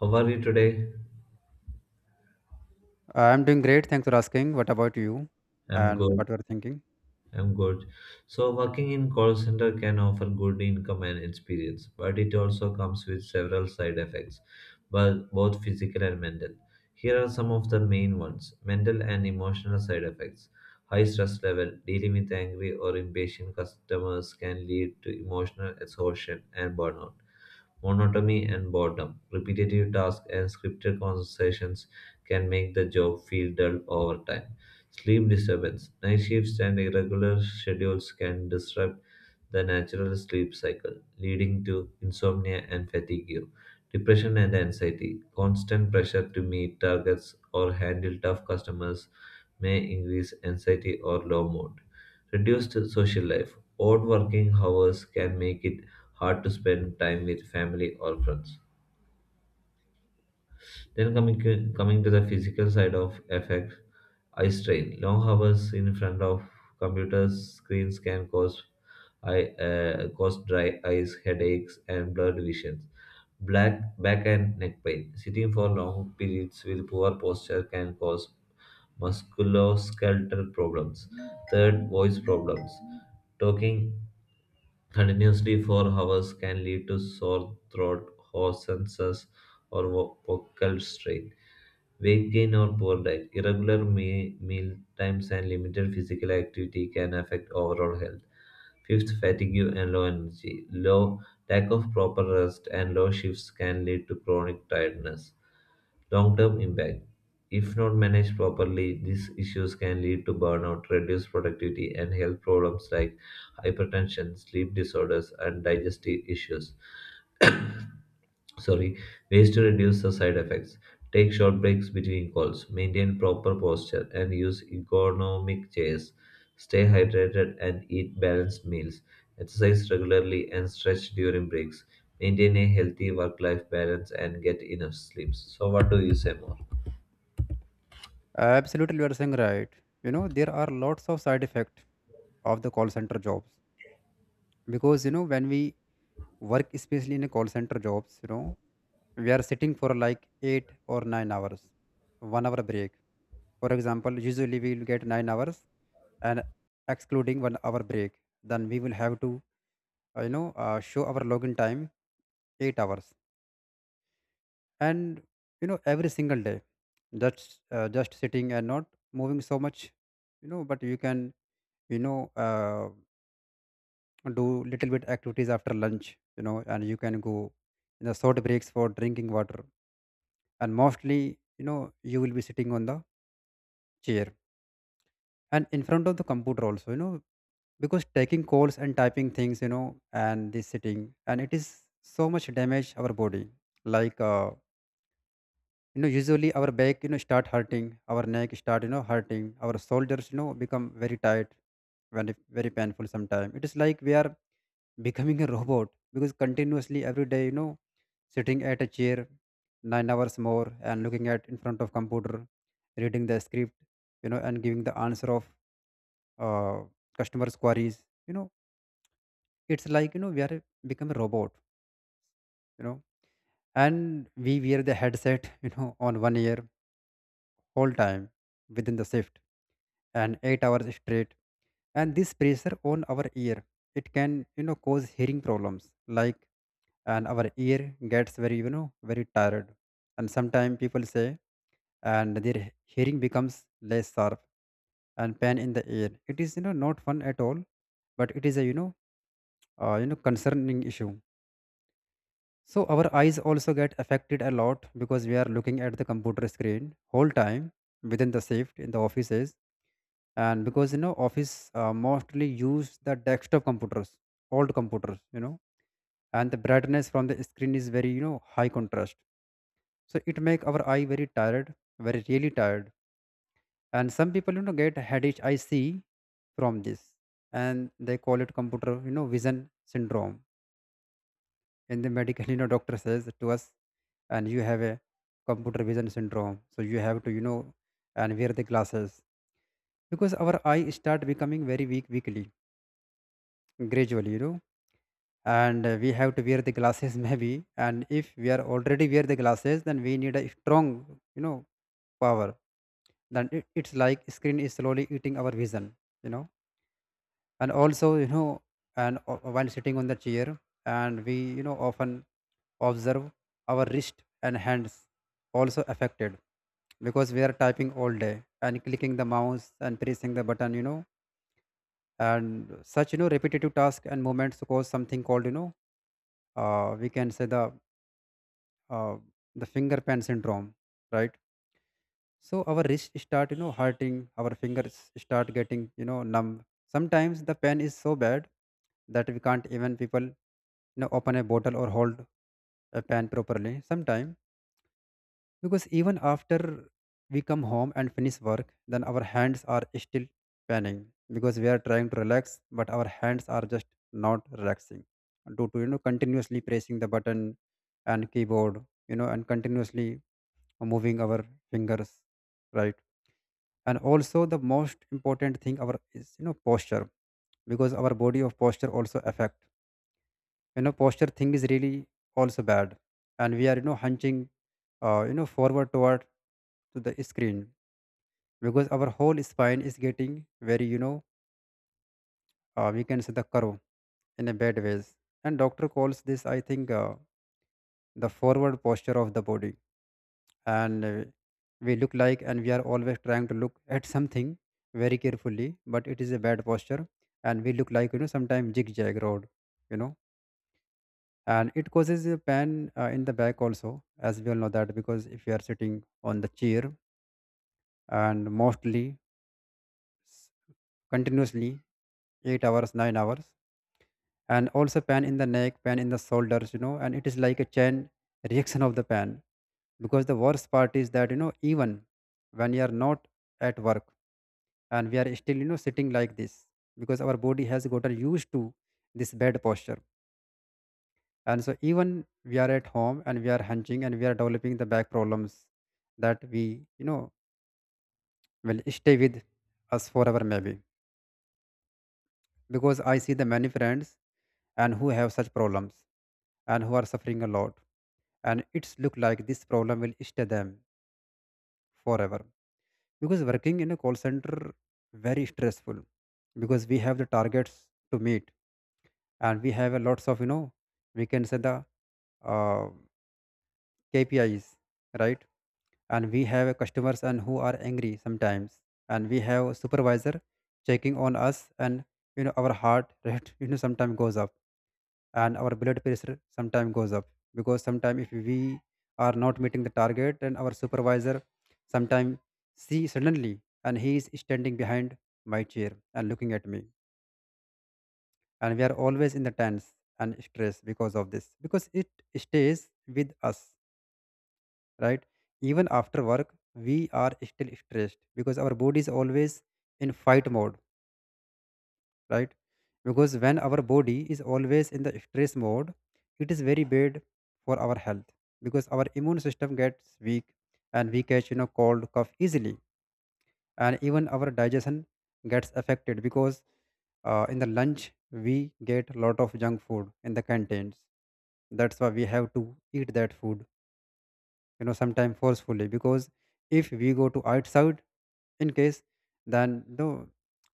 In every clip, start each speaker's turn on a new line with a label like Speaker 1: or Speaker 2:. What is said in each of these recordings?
Speaker 1: How are you today?
Speaker 2: I'm doing great. Thanks for asking. What about you?
Speaker 1: I'm
Speaker 2: And
Speaker 1: good.
Speaker 2: what you're thinking?
Speaker 1: I'm good. So, working in call center can offer good income and experience, but it also comes with several side effects, but both physical and mental. Here are some of the main ones: mental and emotional side effects. High stress level, dealing with angry or impatient customers can lead to emotional exhaustion and burnout. Monotony and boredom. Repetitive tasks and scripted conversations can make the job feel dull over time. Sleep disturbance. Night shifts and irregular schedules can disrupt the natural sleep cycle, leading to insomnia and fatigue. Depression and anxiety. Constant pressure to meet targets or handle tough customers may increase anxiety or low mood. Reduced social life. Odd working hours can make it hard to spend time with family or friends. Then coming to the physical side of effect, eye strain. Long hours in front of computer screens can cause cause dry eyes, headaches, and blurred visions. Black back and neck pain. Sitting for long periods with poor posture can cause musculoskeletal problems. Third, voice problems. Talking continuously for hours can lead to sore throat, hoarseness, or vocal strain. Weight gain or poor diet, irregular meal times, and limited physical activity can affect overall health. Fifth, fatigue and low energy. Low lack of proper rest and low shifts can lead to chronic tiredness. Long-term impact. If not managed properly, these issues can lead to burnout, reduced productivity, and health problems like hypertension, sleep disorders, and digestive issues. Sorry. Ways to reduce the side effects: take short breaks between calls, maintain proper posture, and use ergonomic chairs. Stay hydrated and eat balanced meals. Exercise regularly and stretch during breaks. Maintain a healthy work life balance and get enough sleep. So, what do you say more?
Speaker 2: Absolutely you are saying right. You know, there are lots of side effects of the call center jobs because you know when we work, especially in a call center jobs, we are sitting for like 8 or 9 hours, 1 hour break. For example, usually we will get 9 hours, and excluding 1 hour break, then we will have to show our login time 8 hours. And every single day that's just sitting and not moving so much, but you can you know uh, do little bit activities after lunch, and you can go in the short breaks for drinking water. And mostly you will be sitting on the chair and in front of the computer also, because taking calls and typing things, and this sitting and it is so much damage our body, like usually our back start hurting, our neck start hurting, our shoulders become very tight, very, very painful. Sometimes it is like we are becoming a robot, because continuously every day, sitting at a chair 9 hours more and looking at in front of computer, reading the script, and giving the answer of uh, customers queries, it's like we are become a robot, you know. And we wear the headset on one ear whole time within the shift and 8 hours straight. And this pressure on our ear, it can cause hearing problems, like, and our ear gets very very tired. And sometimes people say and their hearing becomes less sharp, and pain in the ear. It is not fun at all, but it is a concerning issue. So our eyes also get affected a lot, because we are looking at the computer screen whole time within the shift in the offices. And because office mostly use the desktop computers, old computers, you know, and the brightness from the screen is very high contrast, so it make our eye very tired, very really tired. And some people get headache. I see from this. And they call it computer vision syndrome in the medical. Doctor says to us and you have a computer vision syndrome, so you have to and wear the glasses, because our eye start becoming very weak, weakly, gradually, you know. And we have to wear the glasses maybe, and if we are already wear the glasses, then we need a strong, you know, power. Then it's like screen is slowly eating our vision, you know. And also, you know, and while sitting on the chair, and we often observe our wrist and hands also affected, because we are typing all day and clicking the mouse and pressing the button, you know. And such repetitive task and movements cause something called, we can say, uh, the finger pan syndrome, right? So our wrist start, you know, hurting. Our fingers start getting, you know, numb. Sometimes the pain is so bad that we can't even people, you know, open a bottle or hold a pen properly. Sometime because even after we come home and finish work, then our hands are still panning, because we are trying to relax, but our hands are just not relaxing, due to continuously pressing the button and keyboard, you know, and continuously moving our fingers, right. And also the most important thing our is, you know, posture, because our body of posture also affect, you know. Posture thing is really also bad. And we are hunching forward toward to the screen, because our whole spine is getting very, we can say, the curve in a bad ways. And doctor calls this, I think, the forward posture of the body. And we look like and we are always trying to look at something very carefully, but it is a bad posture. And we look like, you know, sometimes zigzag road, you know. And it causes a pain in the back also, as we all know that, because if you are sitting on the chair and mostly s- continuously 8 hours, 9 hours. And also pain in the neck, pain in the shoulders, you know, and it is like a chain reaction of the pain. Because the worst part is that, you know, even when you are not at work and we are still, you know, sitting like this, because our body has gotten used to this bad posture. And so even we are at home and we are hunching, and we are developing the back problems that we, you know, will stay with us forever maybe. Because I see the many friends and who have such problems and who are suffering a lot, and it's look like this problem will stay them forever. Because working in a call center very stressful, because we have the targets to meet, and we have a lots of, you know, we can say, the uh, KPIs, right. And we have customers and who are angry sometimes, and we have supervisor checking on us. And you know our heart rate you know sometimes goes up, and our blood pressure sometimes goes up, because sometimes if we are not meeting the target, and our supervisor sometimes see suddenly and he is standing behind my chair and looking at me, and we are always in the tense and stress because of this, because it stays with us, right? Even after work, we are still stressed because our body is always in fight mode, right? Because when our body is always in the stress mode, it is very bad for our health, because our immune system gets weak and we catch, you know, cold cough easily. And even our digestion gets affected, because in the lunch we get a lot of junk food in the canteens. That's why we have to eat that food, you know, sometimes forcefully, because if we go to outside, in case, then no,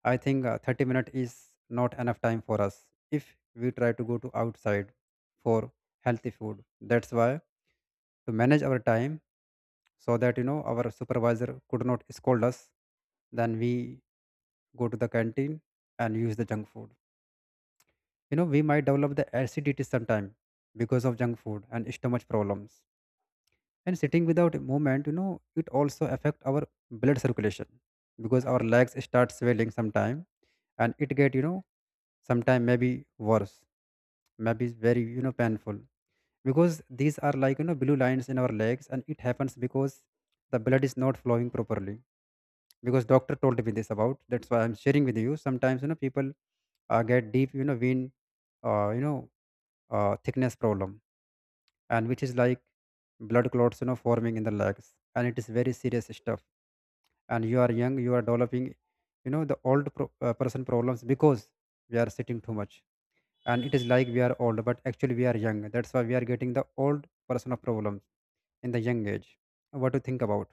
Speaker 2: I think 30 minute is not enough time for us if we try to go to outside for healthy food. That's why to manage our time so that, you know, our supervisor could not scold us, then we go to the canteen and use the junk food. You know, we might develop the acidity sometime because of junk food and stomach problems. And sitting without movement, you know, it also affect our blood circulation, because our legs start swelling sometime, and it get, you know, sometime maybe worse. Maybe it's very, you know, painful, because these are like, you know, blue lines in our legs, and it happens because the blood is not flowing properly. Because doctor told me this about, that's why I'm sharing with you. Sometimes, you know, people get deep, vein, uh, you know thickness problem, and which is like blood clots, you know, forming in the legs, and it is very serious stuff. And you are young, you are developing, you know, the old person problems, because we are sitting too much. And it is like we are old, but actually we are young. That's why we are getting the old person of problems in the young age. What to think about?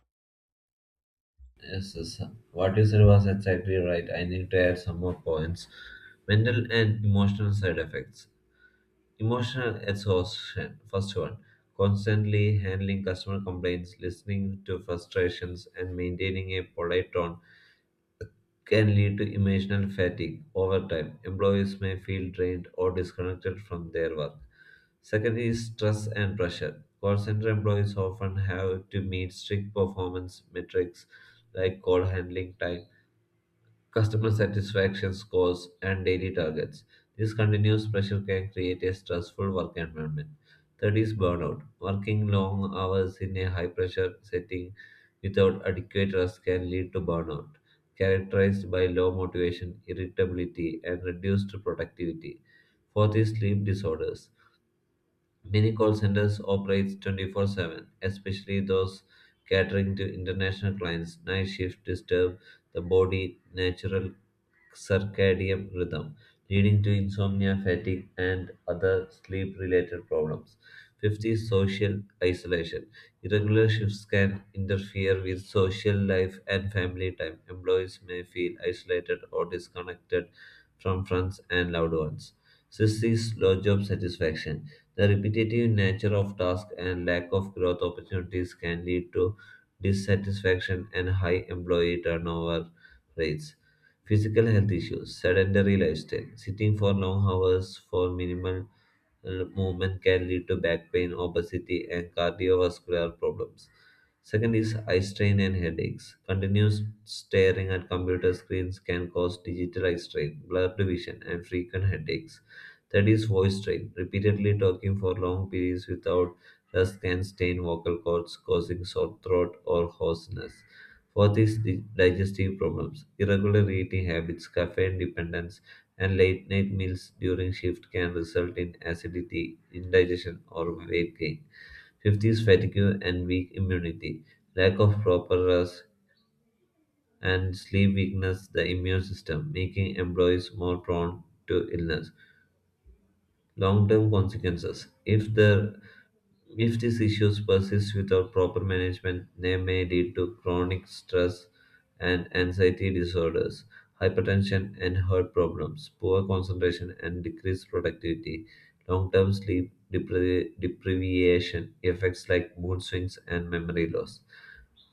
Speaker 1: Yes, yes. What you said was exactly right. I need to add some more points. Mental and emotional side effects. Emotional exhaustion. First one. Constantly handling customer complaints, listening to frustrations, and maintaining a polite tone can lead to emotional fatigue over time. Employees may feel drained or disconnected from their work. Second is stress and pressure. Call center employees often have to meet strict performance metrics like call handling time, customer satisfaction scores, and daily targets. This continuous pressure can create a stressful work environment. Third is burnout. Working long hours in a high pressure setting without adequate rest can lead to burnout, characterized by low motivation, irritability, and reduced productivity. Fourth is sleep disorders. Many call centers operate 24/7, especially those catering to international clients. Night shift disturb the body natural circadian rhythm, leading to insomnia, fatigue, and other sleep-related problems. 50. Social isolation. Irregular shifts can interfere with social life and family time. Employees may feel isolated or disconnected from friends and loved ones. 60. Low job satisfaction. The repetitive nature of tasks and lack of growth opportunities can lead to dissatisfaction and high employee turnover rates. Physical health issues, sedentary lifestyle, sitting for long hours for minimal movement can lead to back pain, obesity, and cardiovascular problems. Second is eye strain and headaches. Continuous staring at computer screens can cause digital eye strain, blurred vision, and frequent headaches. Third is voice strain. Repeatedly talking for long periods without rest can stain vocal cords, causing sore throat or hoarseness. Fourth is digestive problems. Irregular eating habits, caffeine dependence, and late night meals during shift can result in acidity, indigestion, or weight gain. Fifth is fatigue and weak immunity. Lack of proper rest and sleep weakens the immune system, making employees more prone to illness. Long-term consequences. If these issues persist without proper management, they may lead to chronic stress and anxiety disorders, hypertension and heart problems, poor concentration and decreased productivity, long-term sleep deprivation, effects like mood swings and memory loss.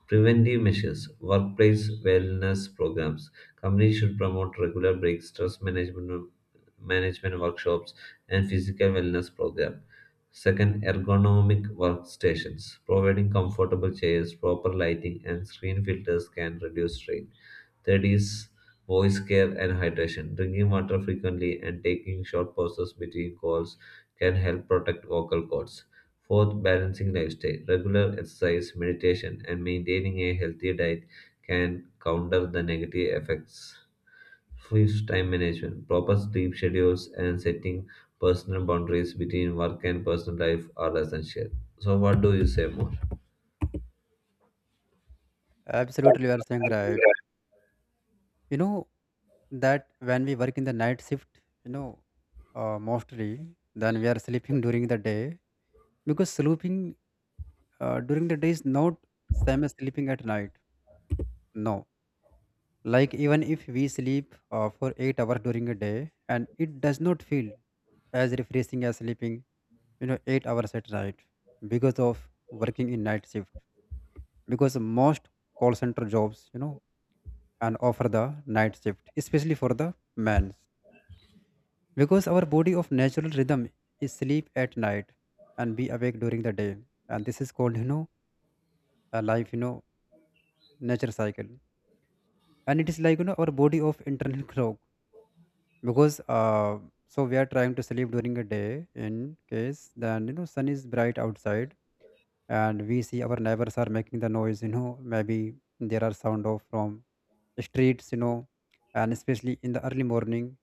Speaker 1: Preventive measures, workplace wellness programs. Companies should promote regular breaks, stress management workshops, and physical wellness programs. Second, ergonomic workstations. Providing comfortable chairs, proper lighting, and screen filters can reduce strain. Third is voice care and hydration. Drinking water frequently and taking short pauses between calls can help protect vocal cords. Fourth, balancing lifestyle. Regular exercise, meditation, and maintaining a healthy diet can counter the negative effects. Fifth, time management. Proper sleep schedules and setting personal boundaries between work and personal life are essential. So, what do you say more?
Speaker 2: Absolutely, you are saying right, you know, that when we work in the night shift, you know, mostly then we are sleeping during the day, because sleeping during the day is not same as sleeping at night. No. Like, even if we sleep for 8 hours during a day, and it does not feel as refreshing as sleeping, you know, 8 hours at night, because of working in night shift. Because most call center jobs, you know, and offer the night shift, especially for the men, because our body of natural rhythm is sleep at night and be awake during the day. And this is called, you know, a life, you know, nature cycle. And it is like, you know, our body of internal clock. Because so we are trying to sleep during a day, in case, then, you know, sun is bright outside, and we see our neighbors are making the noise, you know. Maybe there are sound of from streets, you know, and especially in the early morning,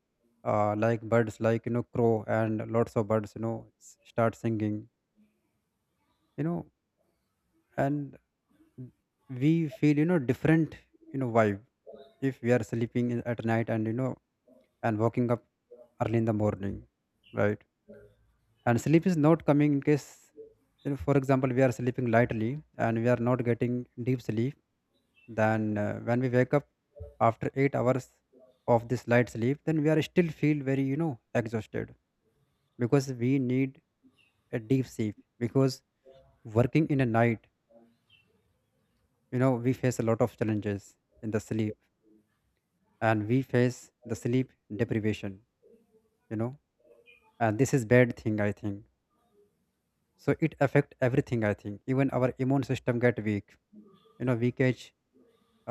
Speaker 2: like birds, like, you know, crow and lots of birds, you know, start singing, you know. And we feel, you know, different, you know, vibe, if we are sleeping at night, and you know and waking up early in the morning, right? And sleep is not coming in case, for example, we are sleeping lightly and we are not getting deep sleep. Then when we wake up after 8 hours of this light sleep, then we are still feel very, exhausted, because we need a deep sleep, because working in a night, we face a lot of challenges in the sleep, and we face the sleep deprivation, you know, and this is bad thing, I think. So it affect everything, I think. Even our immune system get weak, weakage,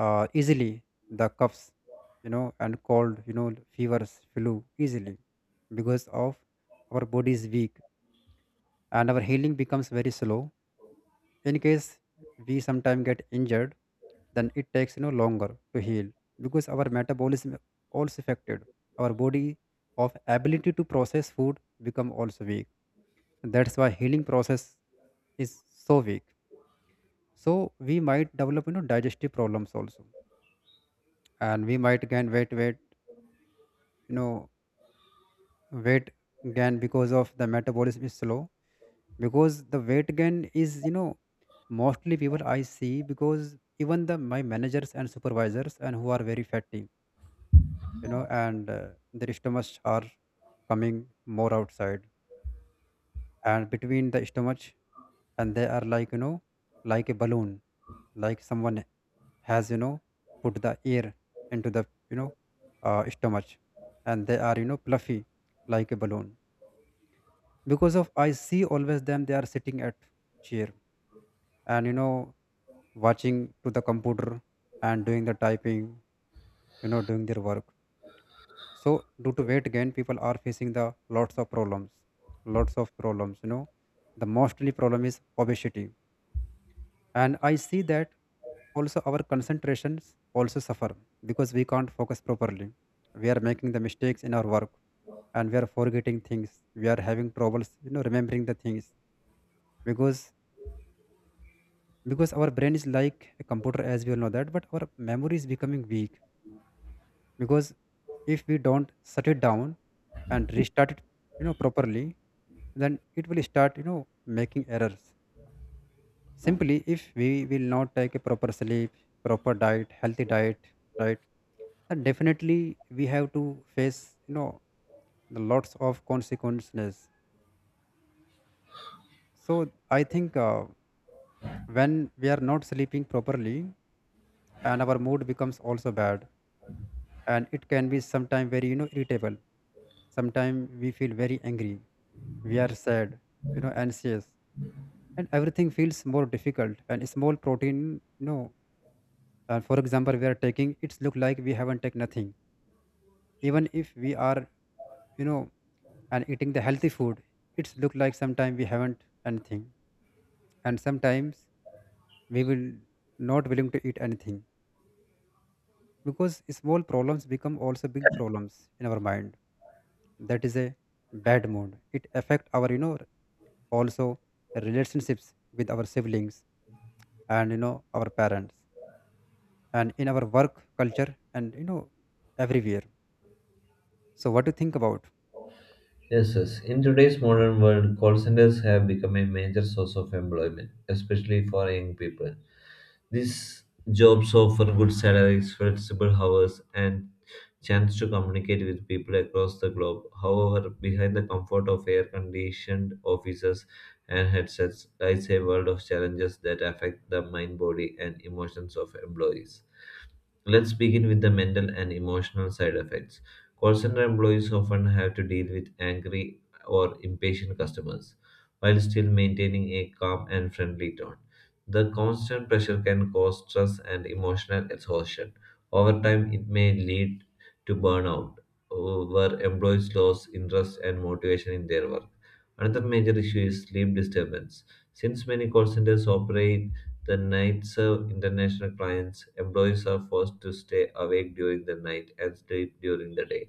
Speaker 2: easily the coughs, and cold, fevers, flu easily because of our body is weak, and our healing becomes very slow in case we sometime get injured, then it takes, longer to heal because our metabolism also affected. Our body of ability to process food become also weak. That's why healing process is so weak. So we might develop, digestive problems also. And we might gain weight weight you know weight gain because of the metabolism is slow. Because the weight gain is, mostly people I see, because even the my managers and supervisors and who are very fatty, you know and their stomachs are coming more outside, and between the stomach, and they are like, like a balloon, like someone has, put the air into the, you know stomach, and they are, fluffy like a balloon, because of I see always them, they are sitting at chair, and, watching to the computer and doing the typing, doing their work. So due to weight gain people are facing the lots of problems, lots of problems, the mostly problem is obesity. And I see that also our concentrations also suffer because we can't focus properly. We are making the mistakes in our work, and we are forgetting things. We are having troubles, remembering the things. Because because our brain is like a computer, as we all know that, but our memory is becoming weak. Because if we don't shut it down and restart it, properly, then it will start, making errors. Simply, if we will not take a proper sleep, proper diet, healthy diet, right, then definitely we have to face, the lots of consequences. So I think when we are not sleeping properly, and our mood becomes also bad, and it can be sometimes very, irritable. Sometimes we feel very angry. We are sad, anxious, and everything feels more difficult, and small protein, for example, we are taking, it's look like we haven't taken nothing. Even if we are, you know and eating the healthy food, it's look like sometimes we haven't anything. And sometimes we will not willing to eat anything, because small problems become also big problems in our mind. That is a bad mood. It affect our, also, relationships with our siblings and, our parents, and in our work culture, and, everywhere. So what do you think about?
Speaker 1: Yes, yes. In today's modern world, call centers have become a major source of employment, especially for young people. These jobs offer good salaries, flexible hours, and chance to communicate with people across the globe. However, behind the comfort of air-conditioned offices and headsets lies a world of challenges that affect the mind, body, and emotions of employees. Let's begin with the mental and emotional side effects. Call center employees often have to deal with angry or impatient customers while still maintaining a calm and friendly tone. The constant pressure can cause stress and emotional exhaustion. Over time, it may lead to burnout, where employees lose interest and motivation in their work. Another major issue is sleep disturbance. Since many call centers operate the night serve international clients. Employees are forced to stay awake during the night and sleep during the day.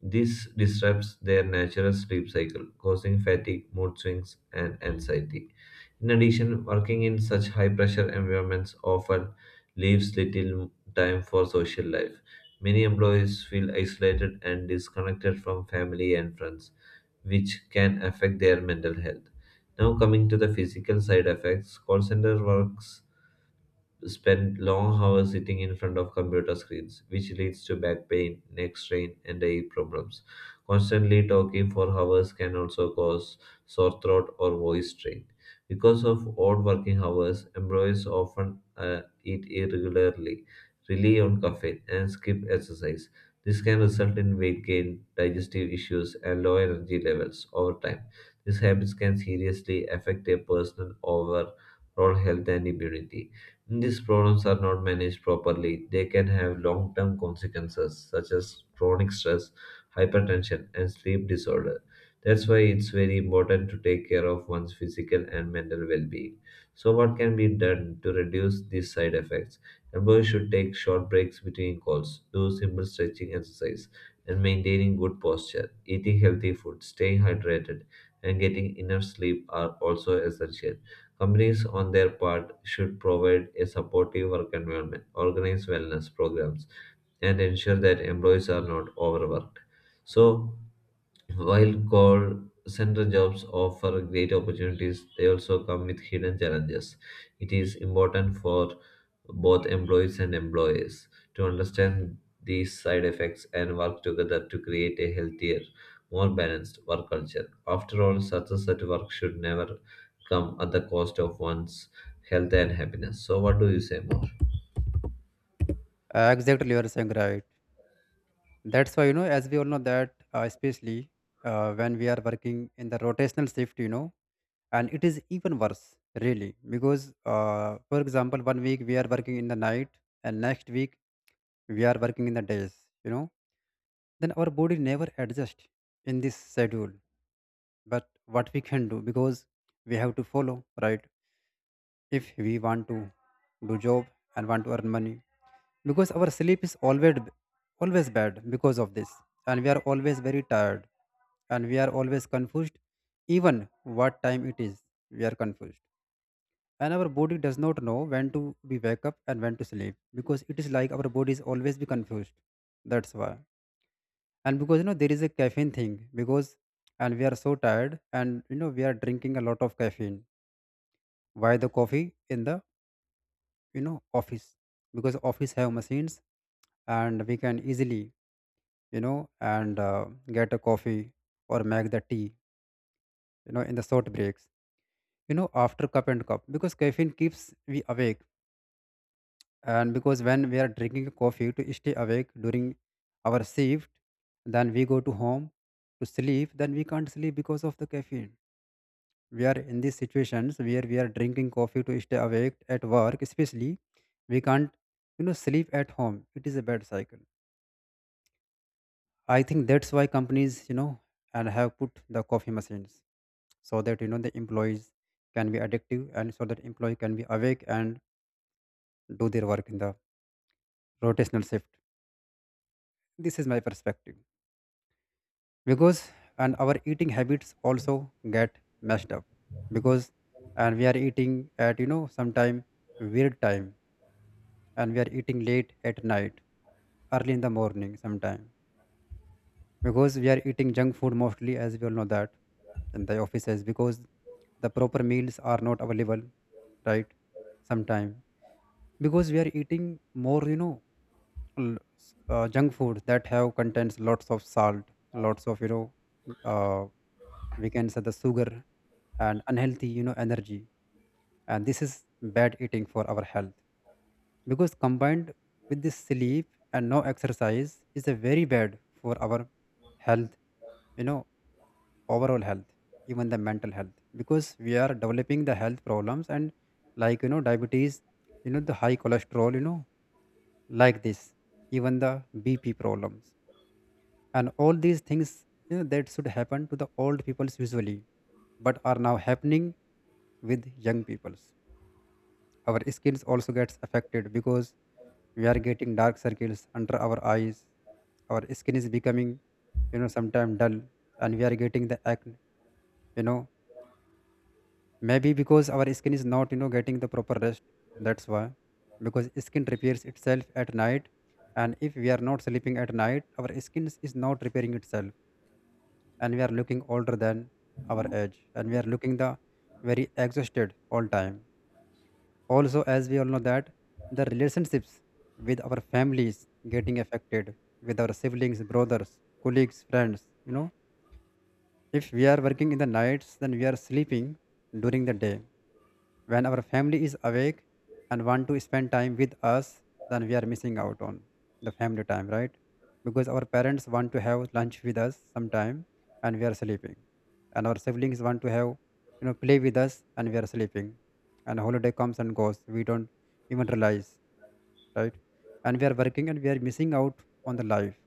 Speaker 1: This disrupts their natural sleep cycle, causing fatigue, mood swings, and anxiety. In addition, working in such high pressure environments often leaves little time for social life. Many employees feel isolated and disconnected from family and friends, which can affect their mental health. Now, coming to the physical side effects, call center work spend long hours sitting in front of computer screens, which leads to back pain, neck strain, and eye problems. Constantly talking for hours can also cause sore throat or voice strain. Because of odd working hours, employees often eat irregularly, rely on caffeine, and skip exercise. This can result in weight gain, digestive issues, and low energy levels over time. These habits can seriously affect a person overall health and immunity. When these problems are not managed properly, they can have long term consequences such as chronic stress, hypertension, and sleep disorder. That's why it's very important to take care of one's physical and mental well being. So, what can be done to reduce these side effects? Employees should take short breaks between calls, do simple stretching exercise, and maintaining good posture. Eating healthy food, staying hydrated, and getting enough sleep are also essential. Companies, on their part, should provide a supportive work environment, organize wellness programs, and ensure that employees are not overworked. So, while call center jobs offer great opportunities, they also come with hidden challenges. It is important for both employees and employers to understand these side effects and work together to create a healthier, more balanced work culture. After all, success at work should never come at the cost of one's health and happiness. So, what do you say more?
Speaker 2: Exactly, you are saying right. That's why, as we all know that, especially when we are working in the rotational shift, and it is even worse, really, because, for example, one week we are working in the night, and next week we are working in the days, you know, then our body never adjust in this schedule. But what we can do, because we have to follow, right? If we want to do job and want to earn money, because our sleep is always bad because of this, and we are always very tired, and we are always confused even what time it is. We are confused, and our body does not know when to be wake up and when to sleep, because it is like our body is always be confused. That's why. And because, there is a caffeine thing, because and we are so tired, and, we are drinking a lot of caffeine. Why the coffee in the, office? Because office have machines, and we can easily, you know, and get a coffee or make the tea, in the short breaks, after cup and cup, because caffeine keeps we awake. And because when we are drinking coffee to stay awake during our shift, then we go to home to sleep, then we can't sleep because of the caffeine. We are in these situations where we are drinking coffee to stay awake at work, especially we can't, sleep at home. It is a bad cycle. I think that's why companies, and have put the coffee machines, so that, the employees can be addictive, and so that employee can be awake and do their work in the rotational shift. This is my perspective. Because and our eating habits also get messed up, because and we are eating at, sometime weird time, and we are eating late at night, early in the morning sometime. Because we are eating junk food mostly, as we all know that, in the offices, because the proper meals are not available, right, sometime. Because we are eating more, junk food that have contains lots of salt, lots of, uh, we can say the sugar, and unhealthy, energy. And this is bad eating for our health, because combined with this sleep and no exercise is a very bad for our health, you know overall health, even the mental health. Because we are developing the health problems and like, diabetes, the high cholesterol, like this, even the BP problems. And all these things, that should happen to the old peoples usually, but are now happening with young peoples. Our skins also gets affected because we are getting dark circles under our eyes. Our skin is becoming, sometimes dull, and we are getting the acne. You know, maybe because our skin is not, getting the proper rest. That's why. Because skin repairs itself at night, and if we are not sleeping at night, our skin is not repairing itself, and we are looking older than our age, and we are looking the very exhausted all time. Also, as we all know that, the relationships with our families getting affected, with our siblings, brothers, colleagues, friends, if we are working in the nights, then we are sleeping during the day. When our family is awake and want to spend time with us, then we are missing out on the family time, right? Because our parents want to have lunch with us sometime and we are sleeping. And our siblings want to have, play with us and we are sleeping. And holiday comes and goes, we don't even realize, right? And we are working and we are missing out on the life,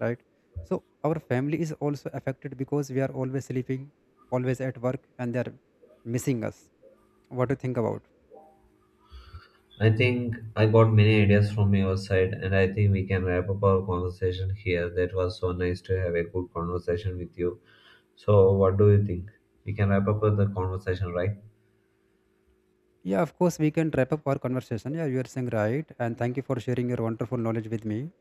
Speaker 2: right? So our family is also affected because we are always sleeping, always at work, and they are missing us. What do you think about?
Speaker 1: I think I got many ideas from your side, and I think we can wrap up our conversation here. That was so nice to have a good conversation with you. So, what do you think? We can wrap up the conversation, right?
Speaker 2: Yeah, of course, we can wrap up our conversation. Yeah, you are saying right. And thank you for sharing your wonderful knowledge with me.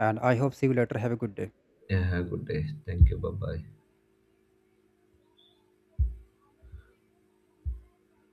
Speaker 2: And I hope see you later. Have a good day.
Speaker 1: Yeah, have a good day. Thank you. Bye bye.